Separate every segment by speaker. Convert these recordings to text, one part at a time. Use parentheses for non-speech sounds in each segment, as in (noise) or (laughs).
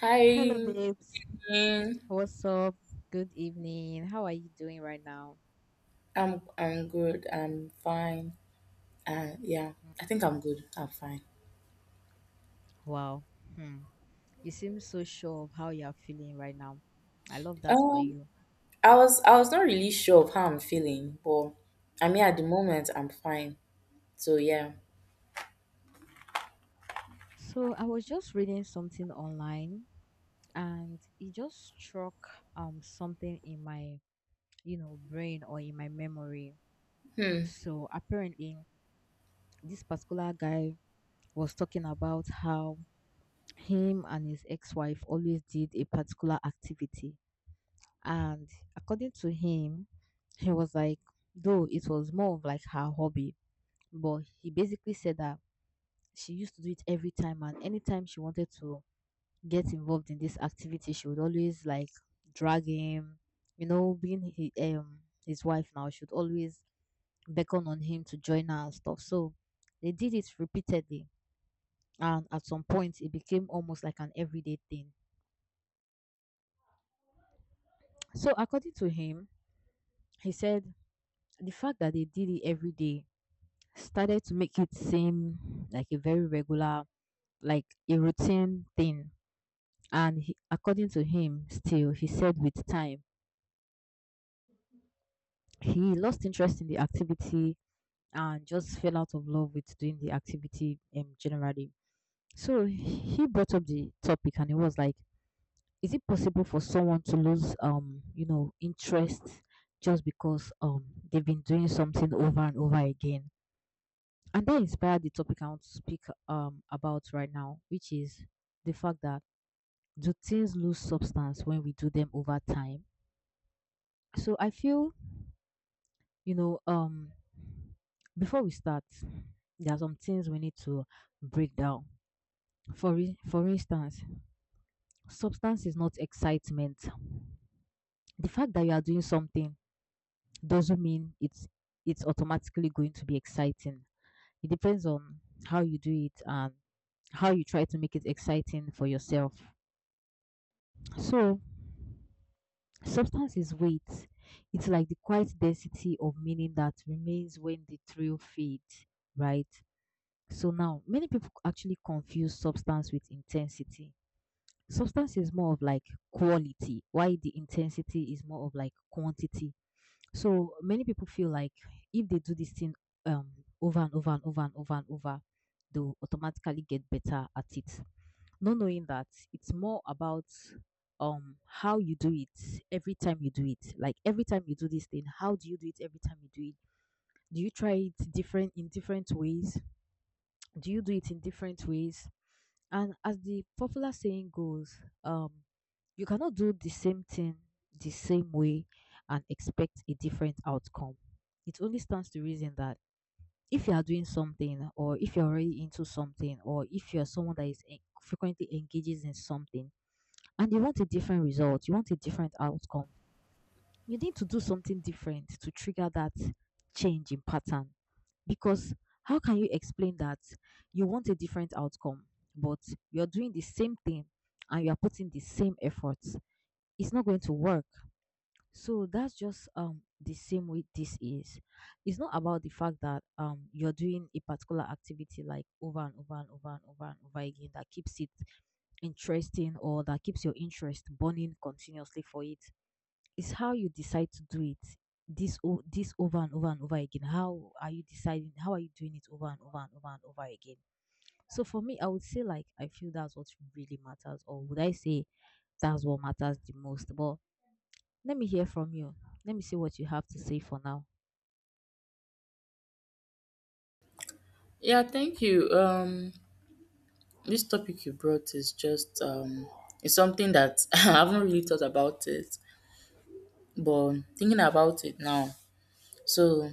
Speaker 1: Hi.
Speaker 2: Hello, babes.
Speaker 1: Mm,
Speaker 2: What's up? Good evening. How are you doing right now?
Speaker 1: I'm good. I'm fine. Yeah,
Speaker 2: Mm.
Speaker 1: I think I'm good. I'm fine.
Speaker 2: Wow. Hmm. You seem so sure of how you're feeling right now. I love that for
Speaker 1: Um,
Speaker 2: you.
Speaker 1: I was not really sure of how I'm feeling, but I mean at the moment I'm fine. So yeah.
Speaker 2: So, I was just reading something online and it just struck something in my brain or in my memory.
Speaker 1: Hmm.
Speaker 2: So, apparently, this particular guy was talking about how him and his ex-wife always did a particular activity, and according to him, he was like, though it was more of like her hobby, but he basically said that she used to do it every time, and anytime she wanted to get involved in this activity, she would always like drag him, you know, being he, um his wife now, she would always beckon on him to join her and stuff. So they did it repeatedly, and at some point, it became almost like an everyday thing. So according to him, he said the fact that they did it every day started to make it seem like a very regular, like a routine thing. And he, according to him, still, he said with time, he lost interest in the activity and just fell out of love with doing the activity, generally. So he brought up the topic and he was like, is it possible for someone to lose, interest, just because they've been doing something over and over again? And that inspired the topic I want to speak about right now, which is the fact that, do things lose substance when we do them over time? So I feel, you know, um before we start, there are some things we need to break down. For instance, substance is not excitement. The fact that you are doing something doesn't mean it's automatically going to be exciting. It depends on how you do it and how you try to make it exciting for yourself. So, substance is weight. It's like the quiet density of meaning that remains when the thrill fades, right? So, now many people actually confuse substance with intensity. Substance is more of like quality, while the intensity is more of like quantity. So, many people feel like if they do this thing um, over and over and over and over and over, they'll automatically get better at it, not knowing that it's more about how you do it every time you do it, like every time you do this thing, how do you do it every time you do it? Do you try it different in different ways? Do you do it in different ways? And as the popular saying goes um you cannot do the same thing the same way and expect a different outcome. It only stands to reason that if you are doing something, or if you're already into something, or if you're someone that frequently engages in something, and you want a different result, you want a different outcome, you need to do something different to trigger that change in pattern. Because how can you explain that you want a different outcome, but you're doing the same thing and you're putting the same efforts? It's not going to work. So that's just the same way this is. It's not about the fact that you're doing a particular activity, like over and over and over and over and over again, that keeps it interesting or that keeps your interest burning continuously for it. It's how you decide to do it. This over and over and over again. How are you deciding? How are you doing it over and over and over and over again? So for me, I would say, like, I feel that's what really matters, or would I say that's what matters the most? But let me hear from you. Let me see what you have to say for now.
Speaker 1: Yeah, thank you. This topic you brought is just it's something that (laughs) I haven't really thought about it, but thinking about it now. So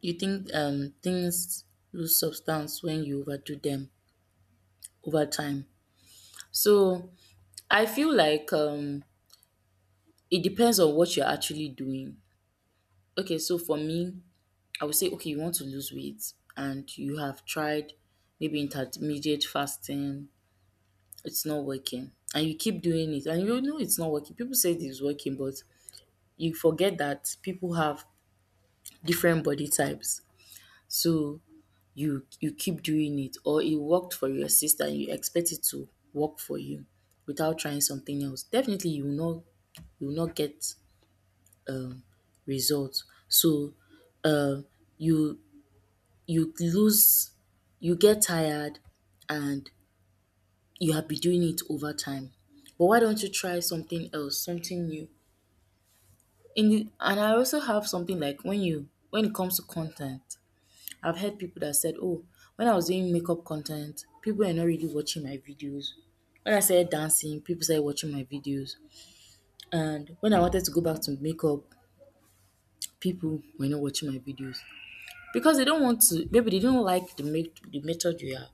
Speaker 1: you think things lose substance when you overdo them over time. So I feel like it depends on what you're actually doing. Okay, so for me, I would say okay, you want to lose weight and you have tried maybe intermediate fasting, it's not working. And you keep doing it and you know it's not working. People say it is working, but you forget that people have different body types. So you keep doing it or it worked for your sister and you expect it to work for you without trying something else. Definitely you will not, you will not get result. So um you, you lose, you get tired, and you have been doing it over time. But why don't you try something else, something new? In the, and I also have something like when you, when it comes to content, I've heard people that said, "Oh, when I was doing makeup content, people are not really watching my videos." When I started dancing, people started watching my videos. And when I wanted to go back to makeup, people were not watching my videos, because they don't want to, maybe they don't like the make, the method you are,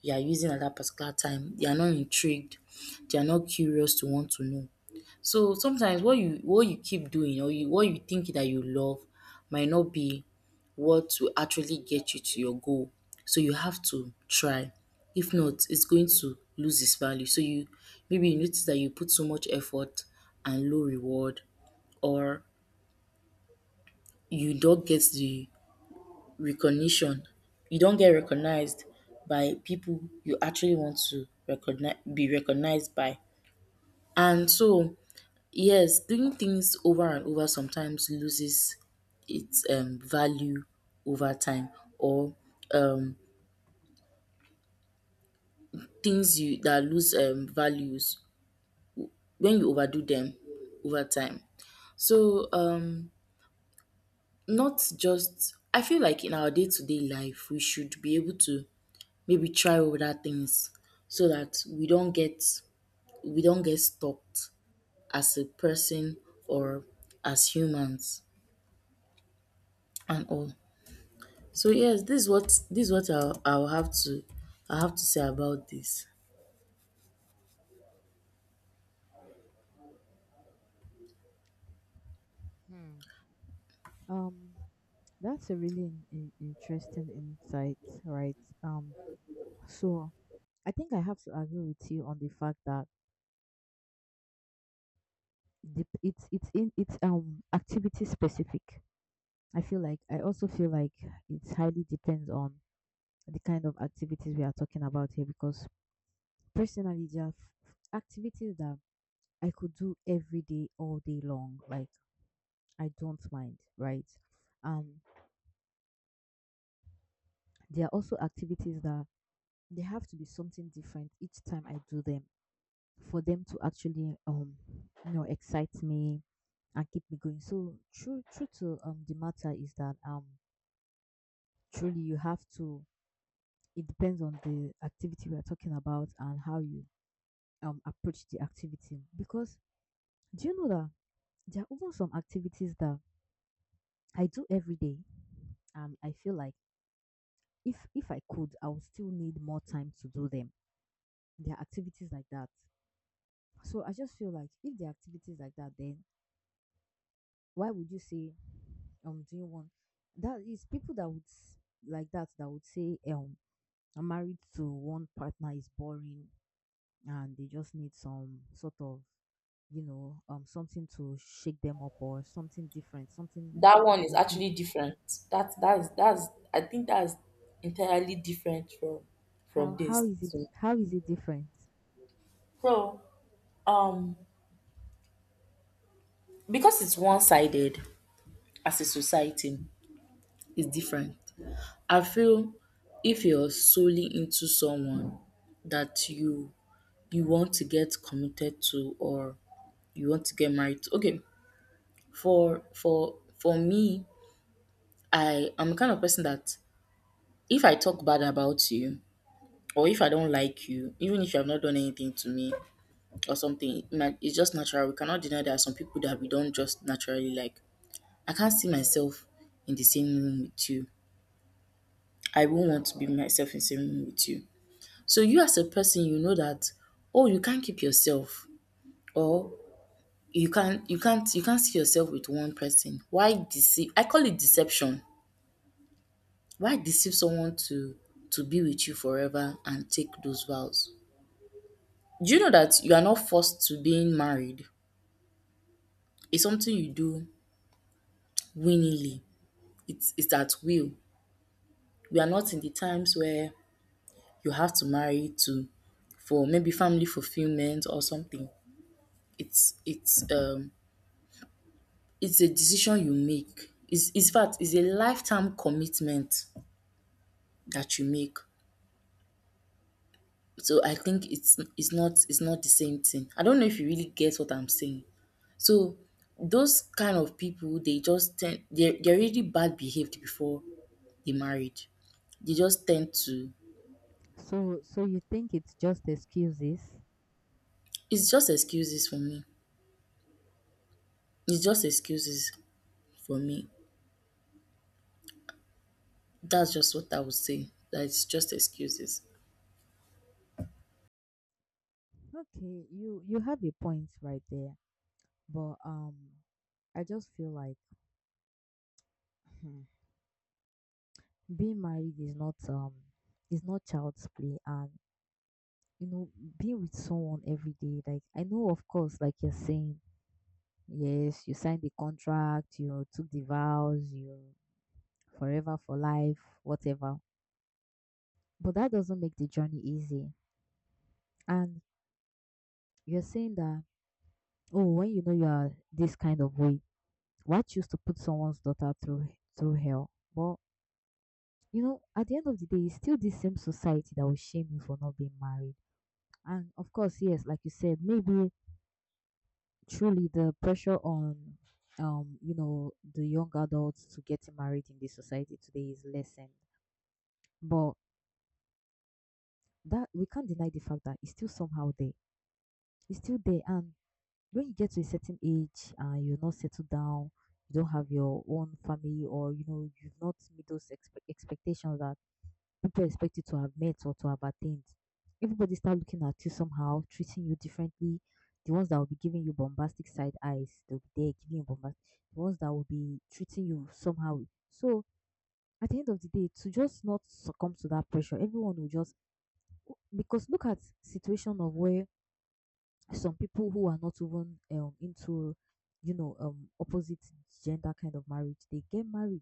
Speaker 1: you are using at that particular time. They are not intrigued, they are not curious to want to know. So sometimes what you, what you keep doing, or you, what you think that you love might not be what will actually get you to your goal. So you have to try, if not it's going to lose its value. So you, maybe you notice that you put so much effort and low reward, or you don't get the recognition. You don't get recognized by people you actually want to recognize, be recognized by. And so yes, doing things over and over sometimes loses its value over time, or um things you that lose values when you overdo them over time. So not just, I feel like in our day to day life we should be able to maybe try other things so that we don't get, we don't get stopped as a person or as humans and all. So yes, this is what, this is what I'll have to, I have to say about this.
Speaker 2: Hmm. Um, that's a really interesting insight, right? Um, so I think I have to agree with you on the fact that it's activity specific. I feel like, I also feel like it highly depends on the kind of activities we are talking about here, because personally there are f- activities that I could do every day all day long, like I don't mind, right? Um there are also activities that they have to be something different each time I do them for them to actually excite me and keep me going. So true, to the matter is that truly you have to, it depends on the activity we are talking about and how you approach the activity, because do you know that there are even some activities that I do every day, and I feel like, if I could, I would still need more time to do them. There are activities like that. So I just feel like, if there are activities like that, then why would you say doing one, that is, people that would like that would say I'm married to one partner is boring, and they just need some sort of, something to shake them up, or something different, something
Speaker 1: That one is
Speaker 2: in, in,
Speaker 1: actually different. That that is that's, I think that's entirely different
Speaker 2: how
Speaker 1: from
Speaker 2: how
Speaker 1: this.
Speaker 2: is it
Speaker 1: So,
Speaker 2: how is it different.
Speaker 1: so um because it's one sided as a society, it's different. I feel if you're solely into someone that you want to get committed to or you want to get married to. Okay, for me, I am the kind of person that if I talk bad about you or if I don't like you, even if you have not done anything to me or something, it might- it's just natural. We cannot deny there are some people that we don't just naturally like. I can't see myself in the same room with you. I won't want to be myself in the same room with you. So you as a person, you know that, oh, you can't keep yourself, or you can't, you can't see yourself with one person. Why deceive, I call it deception. Why deceive someone to be with you forever and take those vows? Do you know that you are not forced to being married? It's something you do willingly. It's at will. We are not in the times where you have to marry to, for maybe family fulfillment or something. It's, it's a decision you make. It's fact, it's a lifetime commitment that you make. So I think it's not, it's not the same thing. I don't know if you really get what I'm saying. So those kind of people, they just tend, they're really bad behaved before the marriage. They just tend to.
Speaker 2: So you think it's just excuses?
Speaker 1: It's just excuses for me. It's just excuses for me. That's just what I would say. That it's just excuses.
Speaker 2: Okay, you have a point right there, but I just feel like, hmm, being married is not child's play, and you know, being with someone every day, like I know, of course, like you're saying, yes, you signed the contract, you took the vows, you, forever for life, whatever. But that doesn't make the journey easy. And you're saying that, oh, when you know you are this kind of way, why choose to put someone's daughter through hell? But at the end of the day, it's still this same society that will shame you for not being married. And of course, yes, like you said, maybe truly the pressure on the young adults to getting married in this society today is lessened. But that, we can't deny the fact that it's still somehow there. It's still there. And when you get to a certain age and you're not settled down, you don't have your own family, or you've not met those expectations that people expect you to have met or to have attained. Everybody start looking at you somehow, treating you differently. The ones that will be giving you bombastic side eyes, they'll be there giving you bombastic. The ones that will be treating you somehow. So at the end of the day, to just not succumb to that pressure, everyone will just, because look at situation of where some people who are not even into opposite gender kind of marriage, they get married.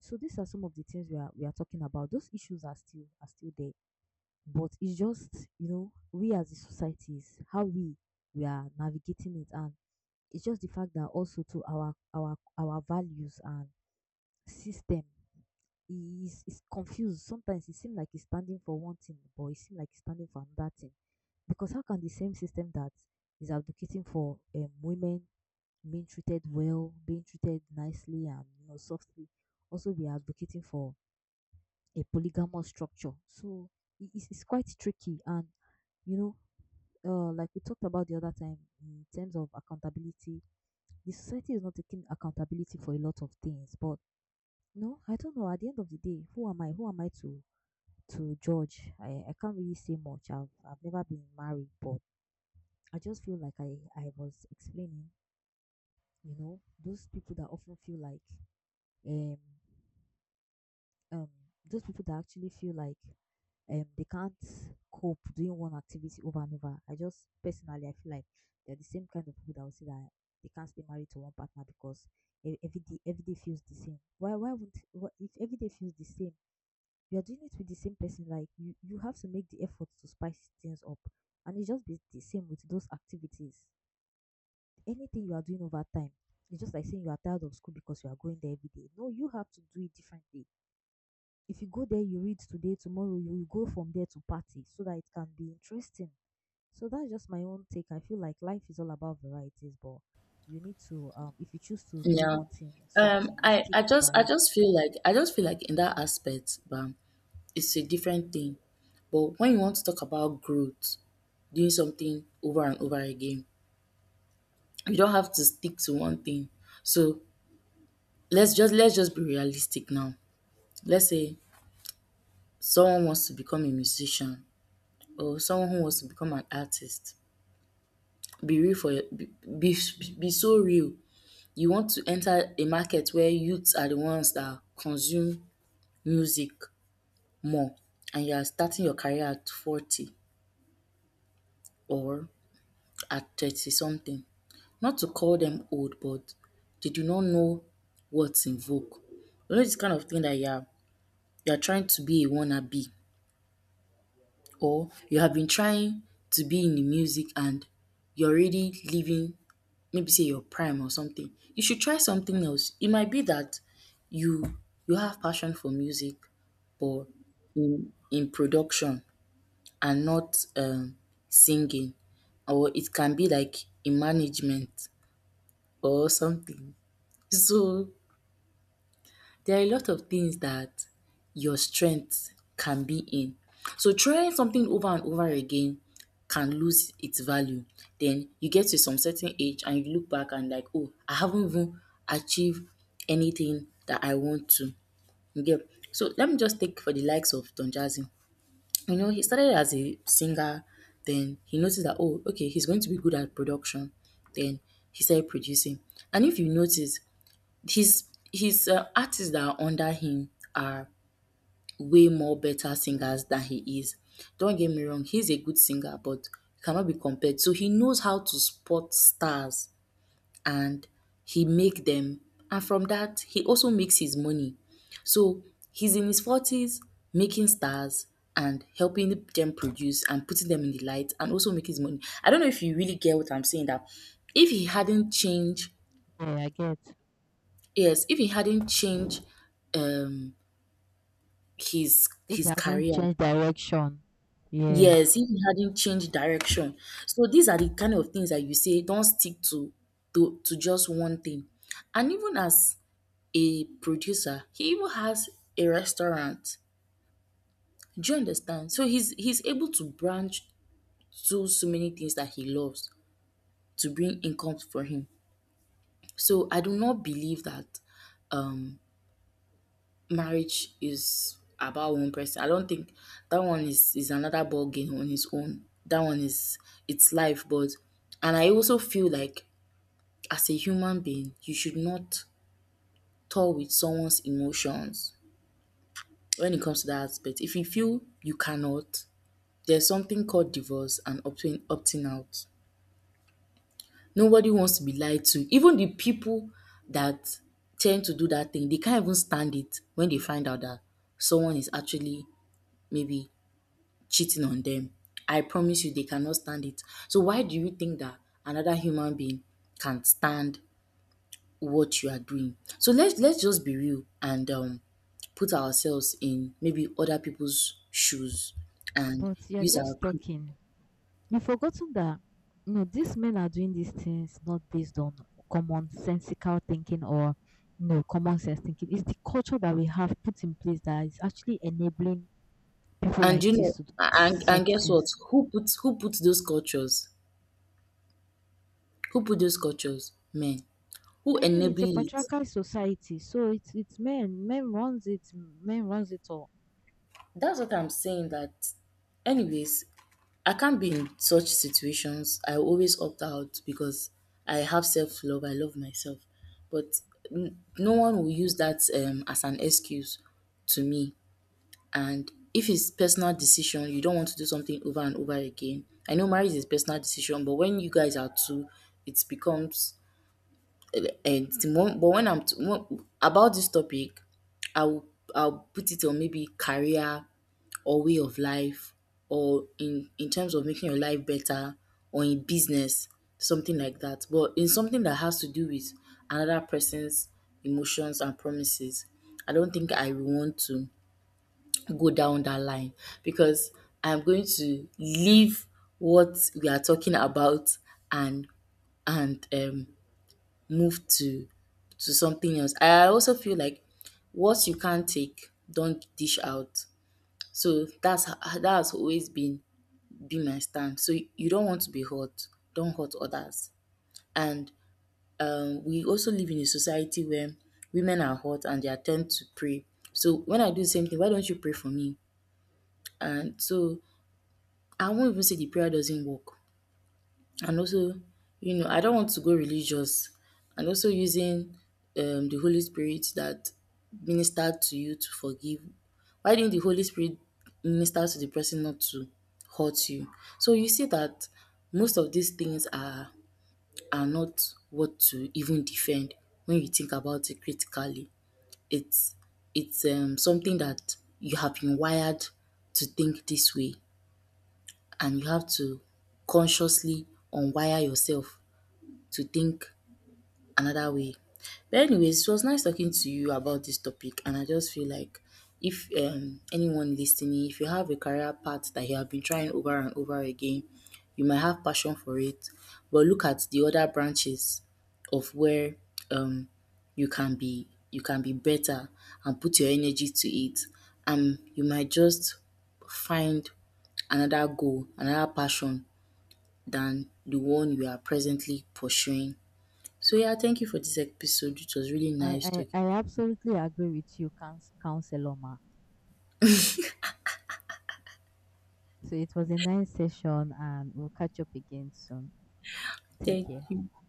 Speaker 2: So these are some of the things we are talking about. Those issues are still there, but it's just, we as a societies, how we are navigating it. And it's just the fact that, also, to our values and system, he is confused. Sometimes it seems like he's standing for one thing, but it seems like he's standing for another thing. Because how can the same system that is advocating for women being treated well, being treated nicely and softly, also be advocating for a polygamous structure? So it's quite tricky, and you know, like we talked about the other time in terms of accountability, the society is not taking accountability for a lot of things, but no, I don't know. At the end of the day, who am I? Who am I to judge? I can't really say much. I've never been married, but I just feel like I was explaining, those people that often feel like um um those people that actually feel like they can't cope doing one activity over and over. I just personally, I feel like they're the same kind of people that will say that they can't stay married to one partner because every day feels the same. If every day feels the same, you're doing it with the same person, like you have to make the effort to spice things up. And it's just be the same with those activities. Anything you are doing over time, it's just like saying you are tired of school because you are going there every day. No, you have to do it differently. If you go there, you read today, tomorrow you will go from there to party so that it can be interesting. So that's just my own take. I feel like life is all about varieties, but you need to, if you choose to do
Speaker 1: Yeah.
Speaker 2: one thing, something, you stick by
Speaker 1: I
Speaker 2: it.
Speaker 1: just feel like, I just feel like in that aspect, it's a different thing. But when you want to talk about growth, doing something over and over again, you don't have to stick to one thing. So let's just be realistic now. Let's say someone wants to become a musician or someone who wants to become an artist. Be real for your, be be so real. You want to enter a market where youths are the ones that consume music more, and you are starting your career at 40 or at 30 something. Not to call them old, but they do not know what's in vogue. You know this kind of thing that you are trying to be a wannabe, or you have been trying to be in the music and you're already living maybe say your prime or something. You should try something else. It might be that you you have passion for music but in production and not singing, or it can be like in management or something. So there are a lot of things that your strength can be in. So trying something over and over again can lose its value. Then you get to some certain age and you look back and like, oh, I haven't even achieved anything that I want to. You get? So let me just take for the likes of Don Jazzy. You know, he started as a singer, then he noticed that, oh, okay, he's going to be good at production. Then he started producing. And if you notice, his his artists that are under him are way more better singers than he is. Don't get me wrong, he's a good singer, but cannot be compared. So he knows how to spot stars, and he make them, and from that he also makes his money. So he's in his 40s making stars and helping them produce and putting them in the light and also make his money. I don't know if you really get what I'm saying. That if he hadn't changed,
Speaker 2: Yeah, I get.
Speaker 1: yes, if he hadn't changed um
Speaker 2: If you
Speaker 1: his
Speaker 2: hadn't
Speaker 1: career,
Speaker 2: changed direction, yeah.
Speaker 1: yes if he hadn't changed direction. So these are the kind of things that you say don't stick to just one thing. And even as a producer, he even has a restaurant. Do you understand? So he's able to branch to so many things that he loves to bring income for him. So I do not believe that um marriage is about one person. I don't think that one is another ball game on his own. That one is, it's life, but, and I also feel like as a human being, you should not toy with someone's emotions when it comes to that aspect. If you feel you cannot, there's something called divorce and opting out. Nobody wants to be lied to. Even the people that tend to do that thing, they can't even stand it when they find out that someone is actually maybe cheating on them. I promise you, they cannot stand it. So why do you think that another human being can stand what you are doing? So let's just be real and put ourselves in maybe other people's shoes and
Speaker 2: But you're
Speaker 1: use our.
Speaker 2: just talking. You've forgotten that these men are doing these things not based on common sensical thinking, or common sense thinking. It's the culture that we have put in place that is actually enabling people
Speaker 1: And
Speaker 2: like
Speaker 1: you
Speaker 2: this
Speaker 1: know,
Speaker 2: to do
Speaker 1: and
Speaker 2: such
Speaker 1: and guess what?
Speaker 2: things.
Speaker 1: Who puts those cultures? Who put those cultures? Men. Who
Speaker 2: I mean, it's a
Speaker 1: enable it?
Speaker 2: patriarchal society, so it's men. Men runs it. Men runs it all.
Speaker 1: That's what I'm saying. That, anyways, I can't be in such situations. I always opt out because I have self love. I love myself, but n- no one will use that as an excuse to me. And if it's personal decision, you don't want to do something over and over again. I know marriage is personal decision, but when you guys are two, it becomes. And the mo, but when I'm t, when about this topic, I will, I'll put it on maybe career or way of life or in terms of making your life better or in business, something like that. But in something that has to do with another person's emotions and promises, I don't think I will want to go down that line because I'm going to leave what we are talking about and and move to something else. I also feel like what you can't take, don't dish out. So that's ho-, that has always been my stand. So you don't want to be hurt, don't hurt others. And we also live in a society where women are hurt and they attempt to pray. So when I do the same thing, why don't you pray for me? And so I won't even say the prayer doesn't work. And also, you know, I don't want to go religious and also using the holy spirit that ministered to you to forgive, why didn't the holy spirit minister to the person not to hurt you? So you see that most of these things are not what to even defend. When you think about it critically, it's it's something that you have been wired to think this way, and you have to consciously unwire yourself to think another way. But anyways, it was nice talking to you about this topic, and I just feel like if anyone listening, if you have a career path that you have been trying over and over again, you might have passion for it, but look at the other branches of where um, you can be, you can be better, and put your energy to it, and you might just find another goal, another passion than the one you are presently pursuing. So yeah, thank you for this episode. It was really
Speaker 2: I
Speaker 1: nice
Speaker 2: I,
Speaker 1: talking.
Speaker 2: I absolutely agree with you, Councilor Ma. So it was a nice session, and we'll catch up again soon. Take
Speaker 1: Thank
Speaker 2: care.
Speaker 1: you.